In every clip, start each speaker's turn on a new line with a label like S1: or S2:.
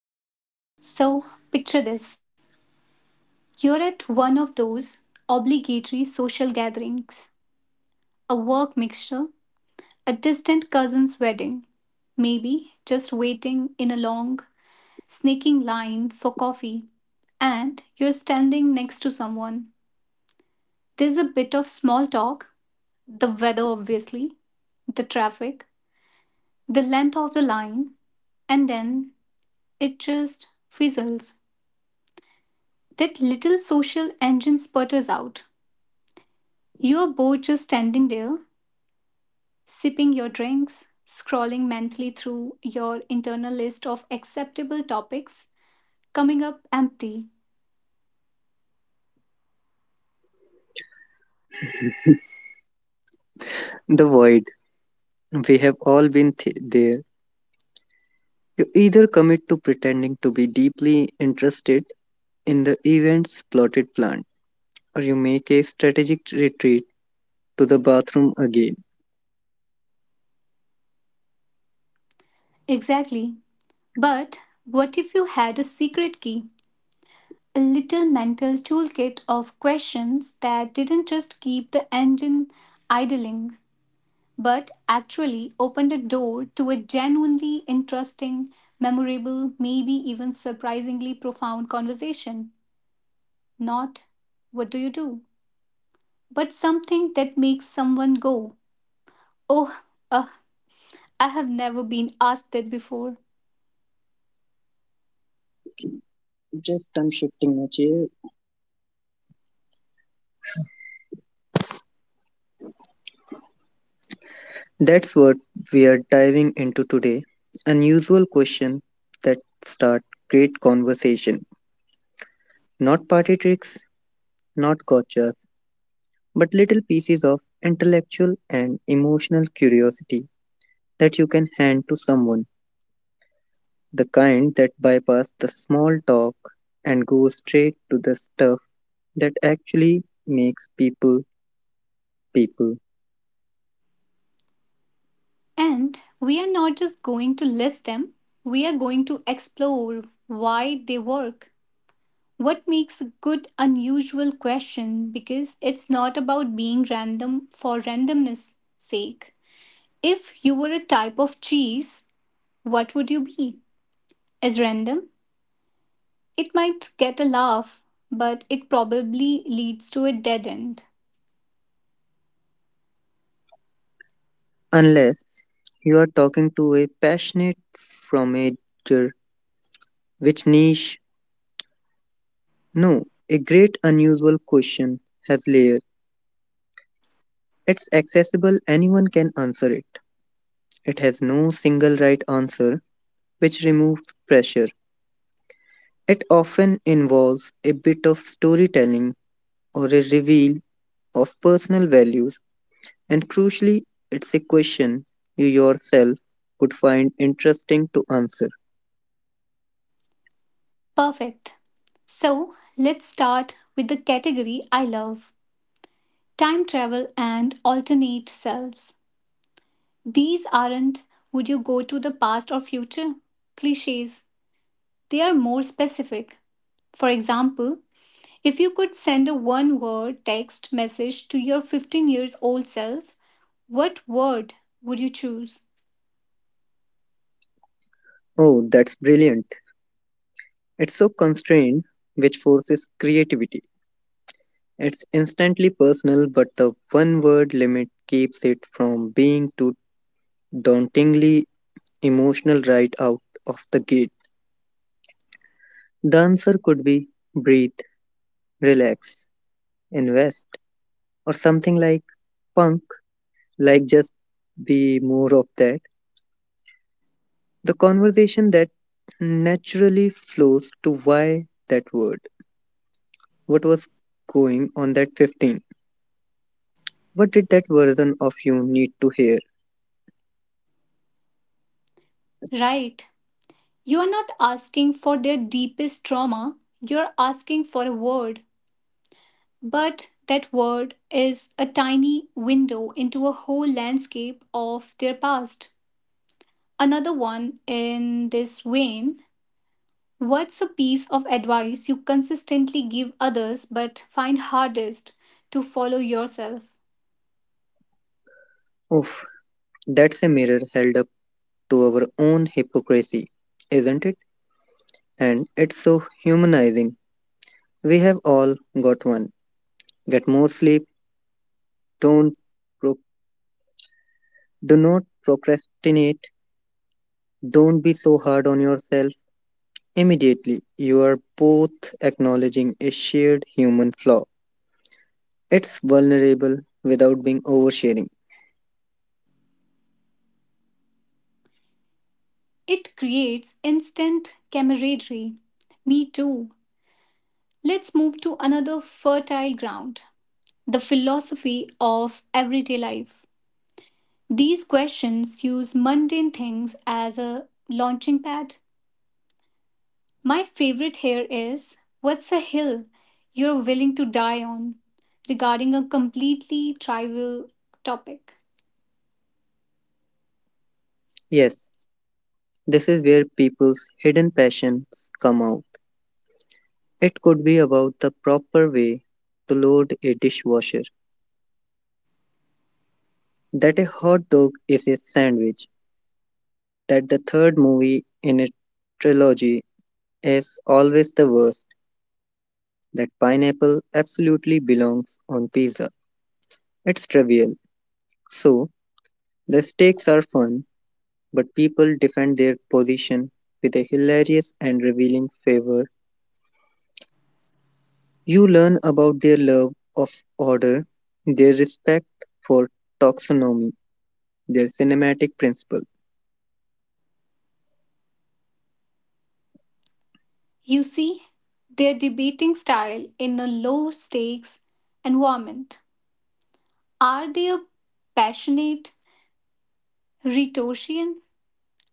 S1: Okay, so picture this. You're at one of those obligatory social gatherings, a work mixture, a distant cousin's wedding, maybe just waiting in a long, snaking line for coffee, and you're standing next to someone. There's a bit of small talk, the weather, obviously, the traffic, the length of the line, and then it just fizzles. That little social engine sputters out. You are both just standing there, sipping your drinks, scrolling mentally through your internal list of acceptable topics, coming up empty.
S2: The void. We have all been there. You either commit to pretending to be deeply interested in the event's plotted plan, or you make a strategic retreat to the bathroom again.
S1: Exactly. But what if you had a secret key? A little mental toolkit of questions that didn't just keep the engine idling, but actually opened a door to a genuinely interesting, memorable, maybe even surprisingly profound conversation. Not, what do you do? But something that makes someone go, oh, uh, I have never been asked that before.
S2: Just I'm shifting my chair. That's what we are diving into today. Unusual questions that start great conversation. Not party tricks, not gotchas, but little pieces of intellectual and emotional curiosity that you can hand to someone. The kind that bypass the small talk and go straight to the stuff that actually makes people people.
S1: And we are not just going to list them, we are going to explore why they work. What makes a good, unusual question? Because it's not about being random for randomness sake. If you were a type of cheese, what would you be? As random? It might get a laugh, but it probably leads to a dead end.
S2: Unless you are talking to a passionate fromager, which niche? No, a great unusual question has layers. It's accessible, anyone can answer it. It has no single right answer, which removes pressure. It often involves a bit of storytelling or a reveal of personal values. And crucially, it's a question you yourself would find interesting to answer.
S1: Perfect. So let's start with the category I love: time travel and alternate selves. These aren't would you go to the past or future cliches, they are more specific. For example, if you could send a one word text message to your 15 years old self, what word would you choose?
S2: Oh, that's brilliant. It's so constrained, which forces creativity. It's instantly personal, but the one word limit keeps it from being too dauntingly emotional right out of the gate. The answer could be breathe, relax, invest, or something like punk, like just be more of that. The conversation that naturally flows to why that word, what was going on that 15, what did that version of you need to hear?
S1: Right. You are not asking for their deepest trauma, you're asking for a word. But that word is a tiny window into a whole landscape of their past. Another one in this vein: what's a piece of advice you consistently give others but find hardest to follow yourself?
S2: Oof, that's a mirror held up to our own hypocrisy, isn't it? And it's so humanizing. We have all got one. Get more sleep, don't pro- do not procrastinate, don't be so hard on yourself. Immediately, you are both acknowledging a shared human flaw. It's vulnerable without being oversharing.
S1: It creates instant camaraderie. Me too. Let's move to another fertile ground: the philosophy of everyday life. These questions use mundane things as a launching pad. My favorite here is what's a hill you're willing to die on regarding a completely trivial topic?
S2: Yes, this is where people's hidden passions come out. It could be about the proper way to load a dishwasher, that a hot dog is a sandwich, that the third movie in a trilogy is always the worst, that pineapple absolutely belongs on pizza. It's trivial. So, the stakes are fun, but people defend their position with a hilarious and revealing favor. You learn about their love of order, their respect for taxonomy, their cinematic principle.
S1: You see, their debating style in a low stakes environment. Are they a passionate rhetorician,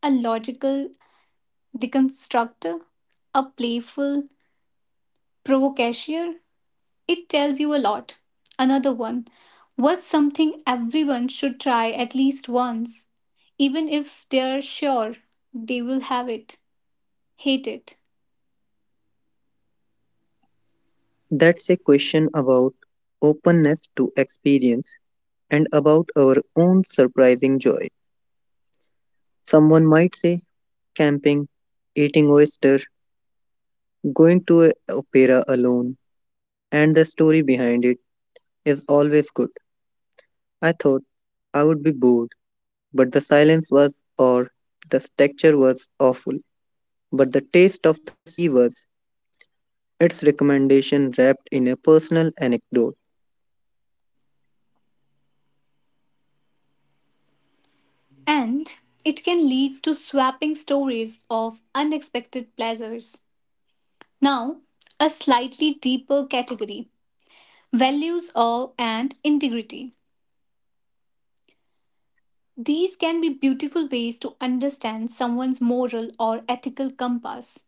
S1: a logical deconstructor, a playful provocateur? It tells you a lot. Another one was something everyone should try at least once, even if they're sure they will have it, hate it.
S2: That's a question about openness to experience and about our own surprising joy. Someone might say camping, eating oyster, going to a opera alone, and the story behind it is always good. I thought I would be bored, but the silence was, or the texture was awful, but the taste of the sea was its recommendation wrapped in a personal anecdote.
S1: And it can lead to swapping stories of unexpected pleasures. Now, a slightly deeper category: values or and integrity. These can be beautiful ways to understand someone's moral or ethical compass,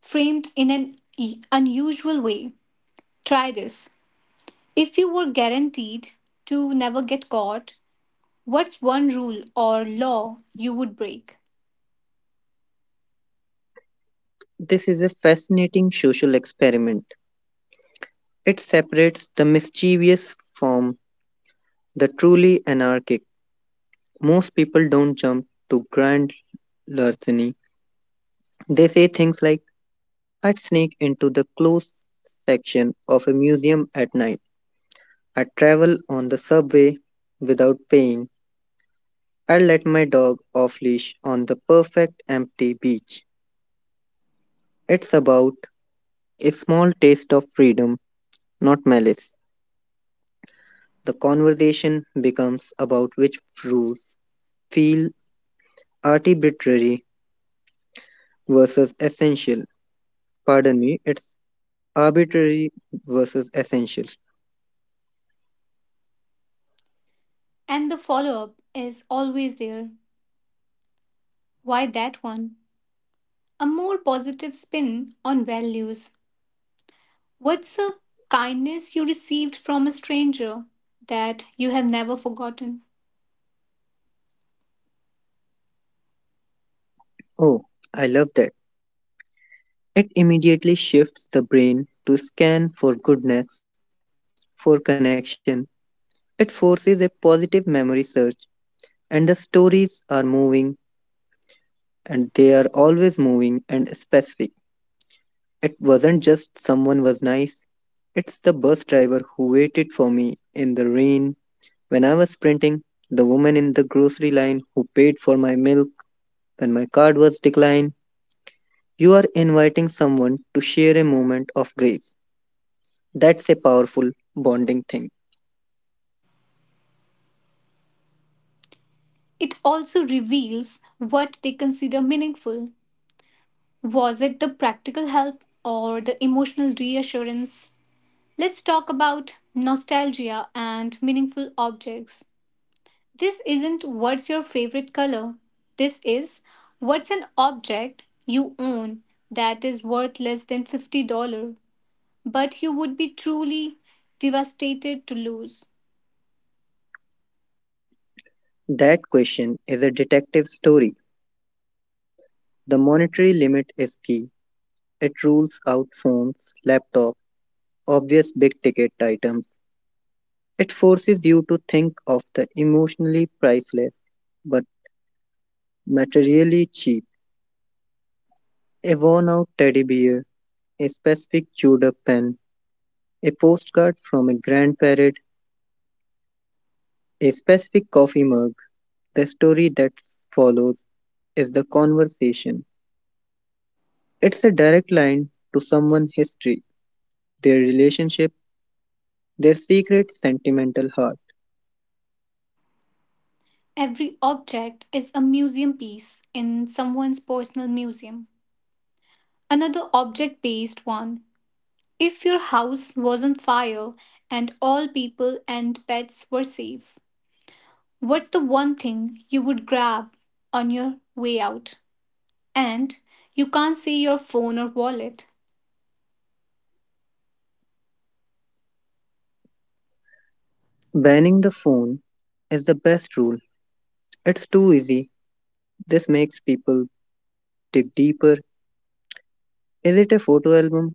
S1: framed in an unusual way. Try this. If you were guaranteed to never get caught, what's one rule or law you would break?
S2: This is a fascinating social experiment. It separates the mischievous from the truly anarchic. Most people don't jump to grand larceny. They say things like, I'd sneak into the closed section of a museum at night. I'd travel on the subway without paying. I'd let my dog off leash on the perfect empty beach. It's about a small taste of freedom, not malice. The conversation becomes about which rules feel arbitrary versus essential. Pardon me, it's arbitrary versus essential.
S1: And the follow up is always there. Why that one? A more positive spin on values. What's a kindness you received from a stranger that you have never forgotten?
S2: Oh, I love that. It immediately shifts the brain to scan for goodness, for connection. It forces a positive memory search, and the stories are moving, and they are always moving and specific. It wasn't just someone was nice, it's the bus driver who waited for me in the rain when I was sprinting, the woman in the grocery line who paid for my milk when my card was declined. You are inviting someone to share a moment of grace. That's a powerful bonding thing.
S1: It also reveals what they consider meaningful. Was it the practical help or the emotional reassurance? Let's talk about nostalgia and meaningful objects. This isn't what's your favorite color. This is, what's an object you own that is worth less than $50, but you would be truly devastated to lose.
S2: That question is a detective story. The monetary limit is key. It rules out phones, laptops, obvious big ticket items. It forces you to think of the emotionally priceless but materially cheap. A worn out teddy bear, a specific chewed up pen, a postcard from a grandparent, a specific coffee mug. The story that follows is the conversation. It's a direct line to someone's history, their relationship, their secret sentimental heart.
S1: Every object is a museum piece in someone's personal museum. Another object based one. If your house was on fire and all people and pets were safe, what's the one thing you would grab on your way out? And you can't see your phone or wallet.
S2: Banning the phone is the best rule. It's too easy. This makes people dig deeper. Is it a photo album,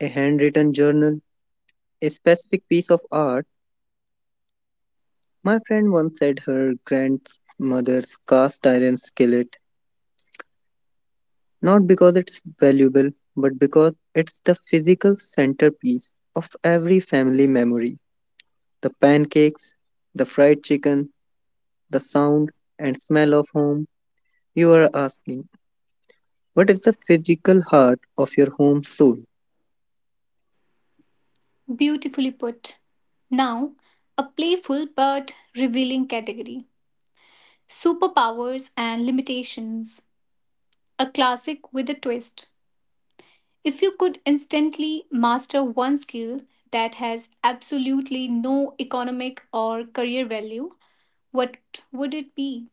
S2: a handwritten journal, a specific piece of art? My friend once said her grandmother's cast iron skillet, not because it's valuable, but because it's the physical centerpiece of every family memory. The pancakes, the fried chicken, the sound and smell of home. You are asking, what is the physical heart of your home soul?
S1: Beautifully put. Now, a playful but revealing category: superpowers and limitations. A classic with a twist. If you could instantly master one skill that has absolutely no economic or career value, what would it be?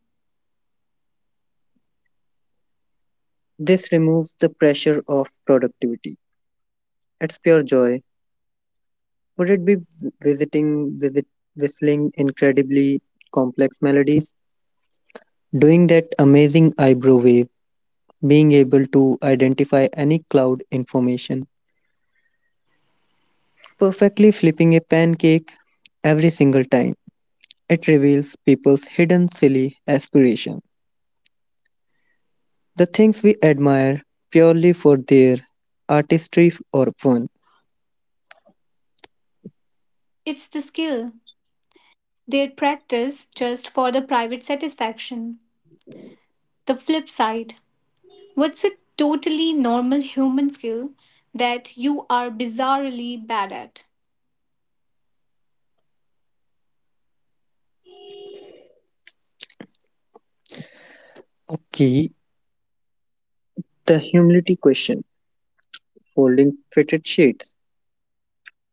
S2: This removes the pressure of productivity. It's pure joy. Would it be visiting, visit, whistling incredibly complex melodies? Doing that amazing eyebrow wave? Being able to identify any cloud information, perfectly flipping a pancake every single time. It reveals people's hidden silly aspirations, the things we admire purely for their artistry or fun.
S1: It's the skill their practice just for the private satisfaction. The flip side: what's a totally normal human skill that you are bizarrely bad at?
S2: Okay, the humility question, folding fitted sheets,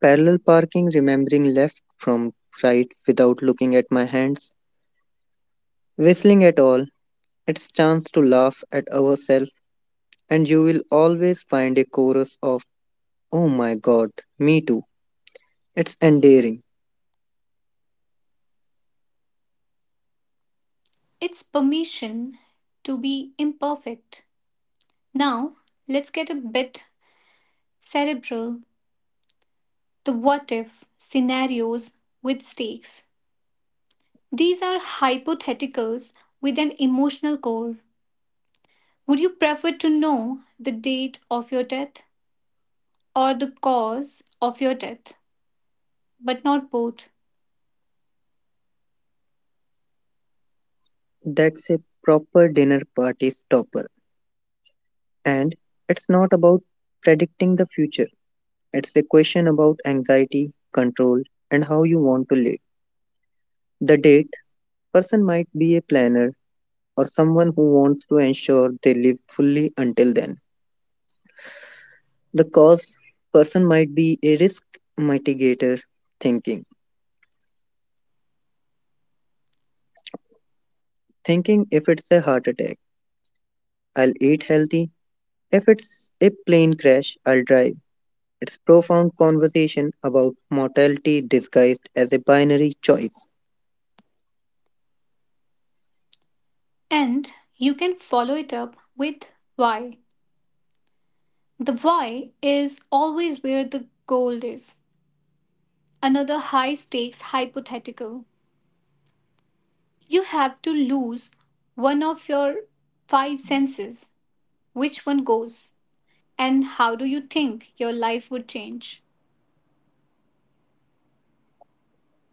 S2: parallel parking, remembering left from right without looking at my hands, whistling at all, it's chance to laugh at ourselves, and you will always find a chorus of Oh my god, me too. It's endearing.
S1: It's permission to be imperfect. Now, let's get a bit cerebral. The what if scenarios with stakes. These are hypotheticals with an emotional core. Would you prefer to know the date of your death or the cause of your death? But not both.
S2: That's a proper dinner party stopper. And it's not about predicting the future, it's a question about anxiety, control, and how you want to live. The date person might be a planner or someone who wants to ensure they live fully until then. The cause person might be a risk mitigator thinking. Thinking if it's a heart attack, I'll eat healthy. If it's a plane crash, I'll drive. It's profound conversation about mortality disguised as a binary choice.
S1: And you can follow it up with why. The why is always where the gold is. Another high stakes hypothetical. You have to lose one of your five senses. Which one goes? And how do you think your life would change?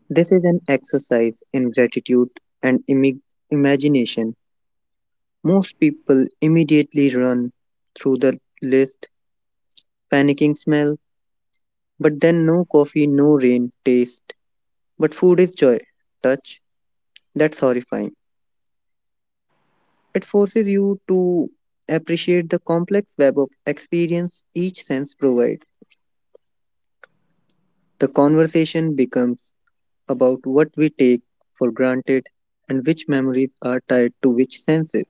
S2: This is an exercise in gratitude and imagination. Most people immediately run through the list, panicking smell, but then no coffee, no rain, taste, but food is joy, touch. That's horrifying. It forces you to appreciate the complex web of experience each sense provides. The conversation becomes about what we take for granted and which memories are tied to which senses.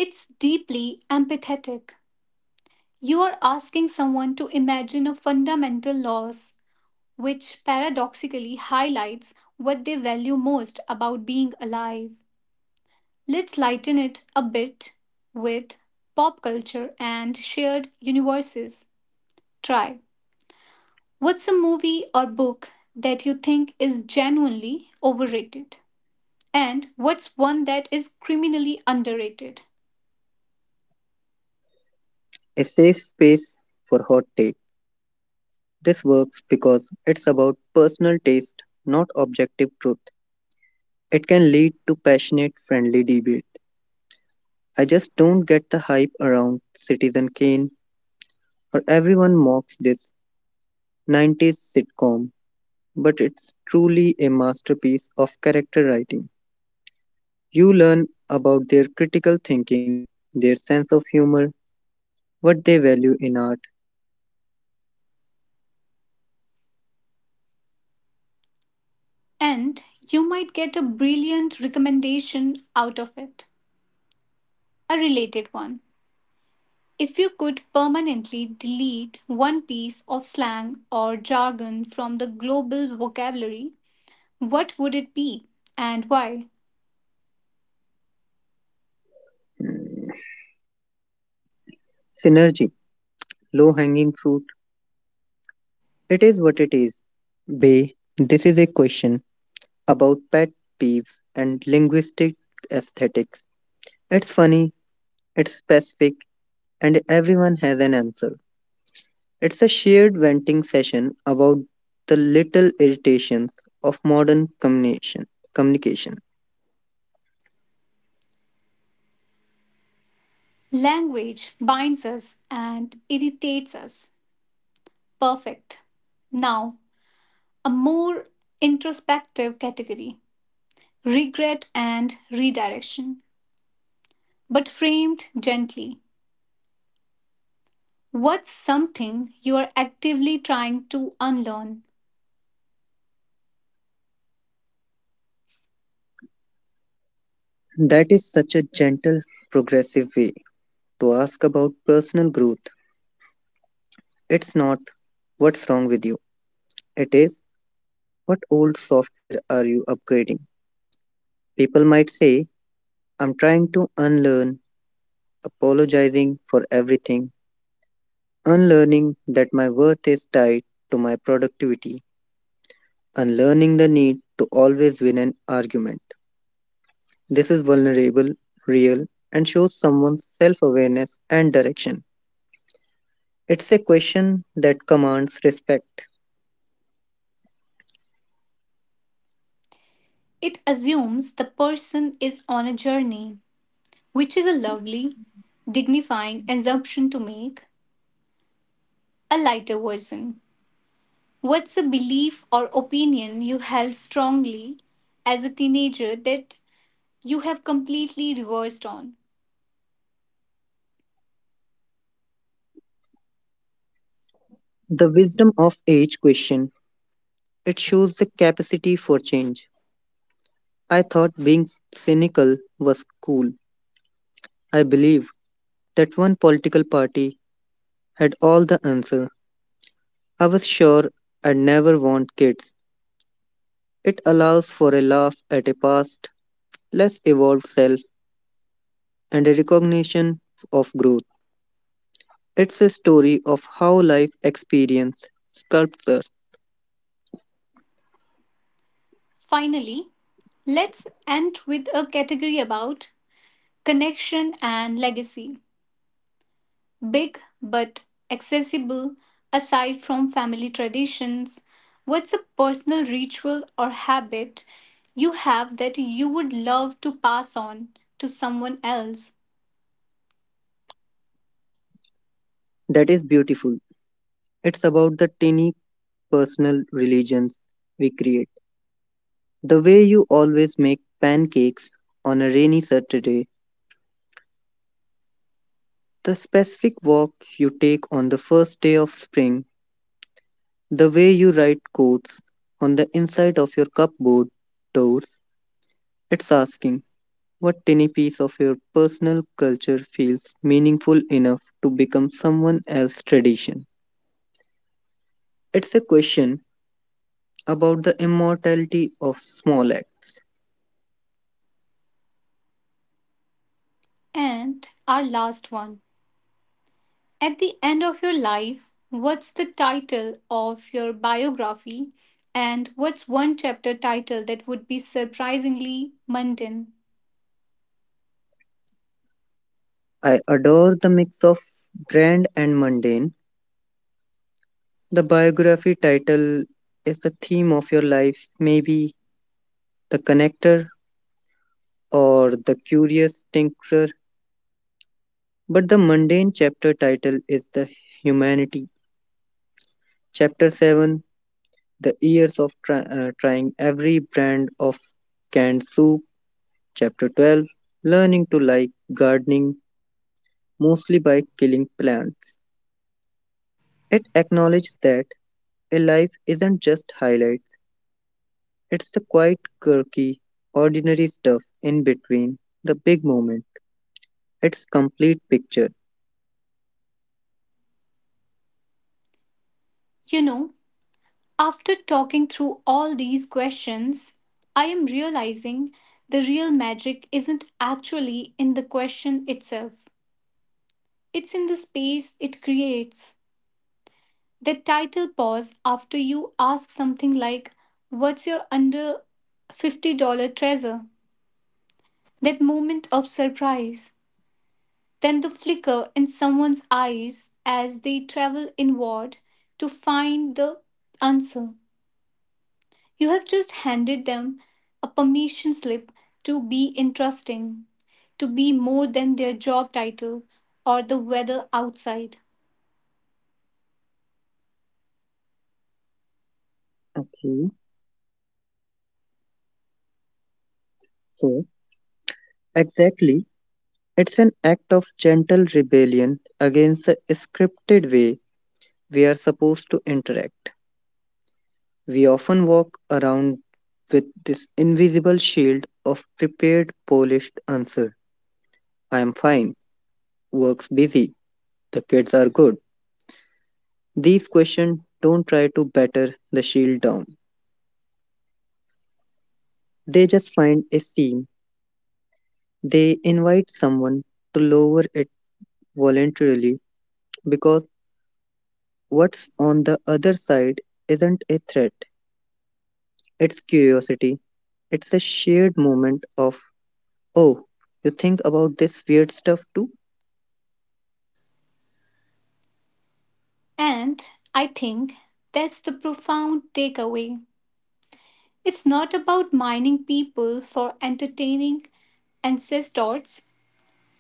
S1: It's deeply empathetic. You are asking someone to imagine a fundamental loss which paradoxically highlights what they value most about being alive. Let's lighten it a bit with pop culture and shared universes. Try. What's a movie or book that you think is genuinely overrated? And what's one that is criminally underrated?
S2: A safe space for hot take. This works because it's about personal taste, not objective truth. It can lead to passionate, friendly debate. I just don't get the hype around Citizen Kane, or everyone mocks this 90s sitcom, but it's truly a masterpiece of character writing. You learn about their critical thinking, their sense of humor, what they value in art.
S1: And you might get a brilliant recommendation out of it, a related one. If you could permanently delete one piece of slang or jargon from the global vocabulary, what would it be and why?
S2: Mm, synergy, low hanging fruit. It is what it is. Bay, this is a question about pet peeves and linguistic aesthetics. It's funny, it's specific, and everyone has an answer. It's a shared venting session about the little irritations of modern communication.
S1: Language binds us and irritates us. Perfect. Now, a more introspective category: regret and redirection, but framed gently. What's something you are actively trying to unlearn?
S2: That is such a gentle, progressive way to ask about personal growth. It's not what's wrong with you, it is what old software are you upgrading? People might say, I'm trying to unlearn, apologizing for everything, unlearning that my worth is tied to my productivity, unlearning the need to always win an argument. This is vulnerable, real, and shows someone's self awareness and direction. It's a question that commands respect.
S1: It assumes the person is on a journey, which is a lovely, dignifying assumption to make. A lighter version. What's a belief or opinion you held strongly as a teenager that you have completely reversed on?
S2: The wisdom of age question. It shows the capacity for change. I thought being cynical was cool. I believe that one political party had all the answer. I was sure I'd never want kids. It allows for a laugh at a past, less evolved self, and a recognition of growth. It's a story of how life experience sculptures.
S1: Finally, let's end with a category about connection and legacy. Big but accessible, aside from family traditions, what's a personal ritual or habit you have that you would love to pass on to someone else?
S2: That is beautiful. It's about the tiny personal religions we create. The way you always make pancakes on a rainy Saturday, the specific walk you take on the first day of spring, the way you write quotes on the inside of your cupboard doors, it's asking what tiny piece of your personal culture feels meaningful enough to become someone else's tradition. It's a question about the immortality of small acts.
S1: And our last one. At the end of your life, what's the title of your biography? And what's one chapter title that would be surprisingly mundane?
S2: I adore the mix of grand and mundane. The biography title is the theme of your life, maybe the connector or the curious tinkerer. But the mundane chapter title is The Humanity. Chapter 7, The Years of Trying Every Brand of Canned Soup. Chapter 12, Learning to Like Gardening Mostly by Killing Plants. It acknowledges that a life isn't just highlights, it's the quiet, quirky, ordinary stuff in between the big moment. It's complete picture.
S1: You know, after talking through all these questions, I am realizing the real magic isn't actually in the question itself, it's in the space it creates. The title pause after you ask something like, what's your under $50 treasure? That moment of surprise, then the flicker in someone's eyes as they travel inward to find the answer. You have just handed them a permission slip to be interesting, to be more than their job title or the weather outside.
S2: Okay, so exactly. It's an act of gentle rebellion against the scripted way we are supposed to interact. We often walk around with this invisible shield of prepared, polished answer. I am fine. Work's busy. The kids are good. These questions don't try to batter the shield down. They just find a seam. They invite someone to lower it voluntarily because what's on the other side isn't a threat. It's curiosity. It's a shared moment of, oh, you think about this weird stuff too?
S1: And I think that's the profound takeaway. It's not about mining people for entertaining ancestors,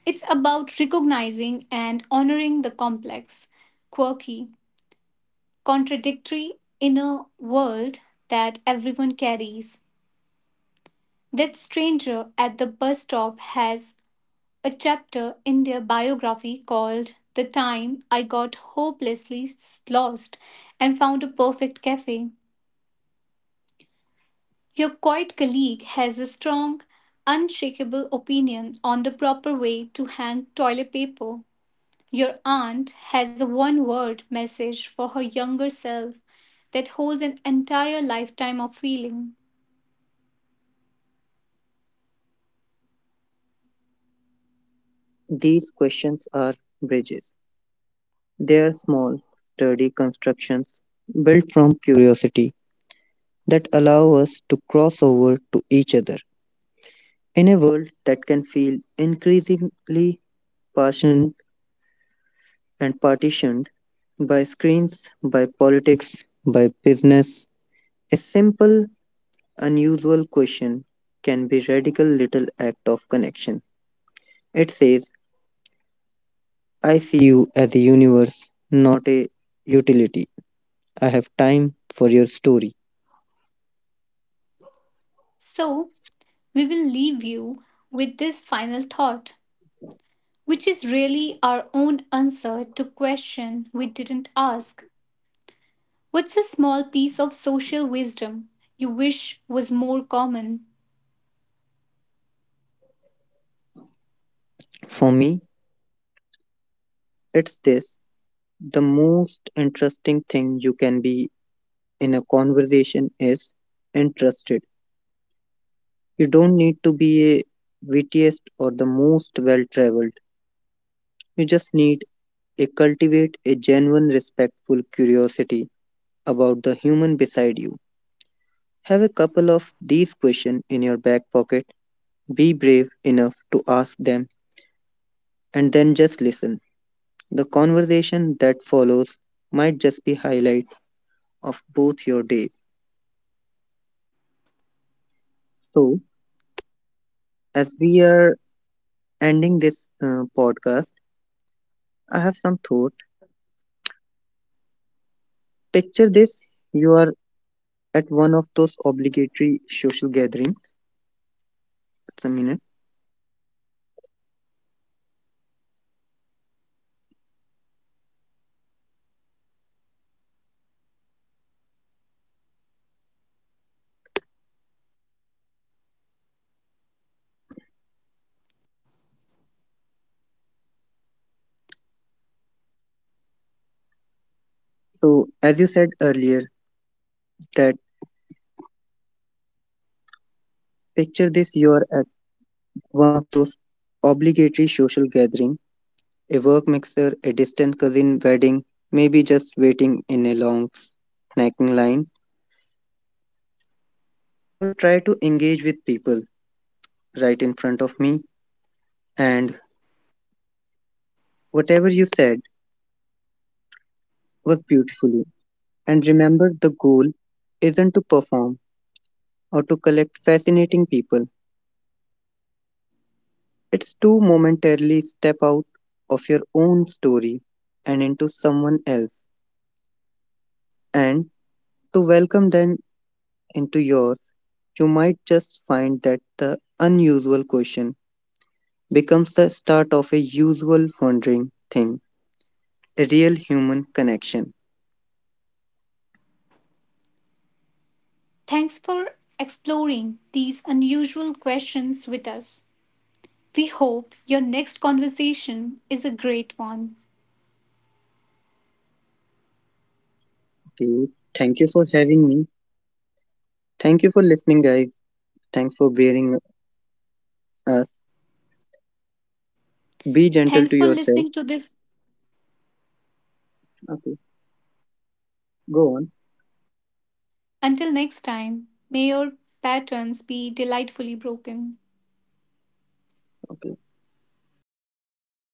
S1: it's about recognizing and honoring the complex, quirky, contradictory inner world that everyone carries. That stranger at the bus stop has a chapter in their biography called The Time I Got Hopelessly Lost and Found a Perfect Cafe. Your quiet colleague has a strong, unshakable opinion on the proper way to hang toilet paper. Your aunt has a one word message for her younger self that holds an entire lifetime of feeling.
S2: These questions are bridges. They are small, sturdy constructions built from curiosity that allow us to cross over to each other. In a world that can feel increasingly partitioned partitioned by screens, by politics, by business, a simple, unusual question can be radical little act of connection. It says, I see you as a universe, not a utility. I have time for your story.
S1: So, we will leave you with this final thought, which is really our own answer to question we didn't ask. What's a small piece of social wisdom you wish was more common?
S2: For me, it's this, the most interesting thing you can be in a conversation is interested. You don't need to be a wittiest or the most well traveled. You just need a cultivate a genuine respectful curiosity about the human beside you. Have a couple of these questions in your back pocket. Be brave enough to ask them and then just listen. The conversation that follows might just be highlight of both your days. So, as we are ending this podcast, I have some thought. Picture this: you are at one of those obligatory social gatherings. Just a minute. So, as you said earlier, that picture this: you are at one of those obligatory social gathering, a work mixer, a distant cousin wedding, maybe just waiting in a long snacking line. I will try to engage with people right in front of me, and whatever you said was beautifully. And remember, the goal isn't to perform or to collect fascinating people, it's to momentarily step out of your own story and into someone else, and to welcome them into yours. You might just find that the unusual question becomes the start of a usual wondering thing, a real human connection.
S1: Thanks for exploring these unusual questions with us. We hope your next conversation is a great one.
S2: You. Thank you for having me. Thank you for listening, guys. Thanks for bearing us. Be gentle
S1: Thanks
S2: to
S1: for
S2: yourself.
S1: listening to this.
S2: Okay, go on.
S1: Until next time, may your patterns be delightfully broken.
S2: Okay.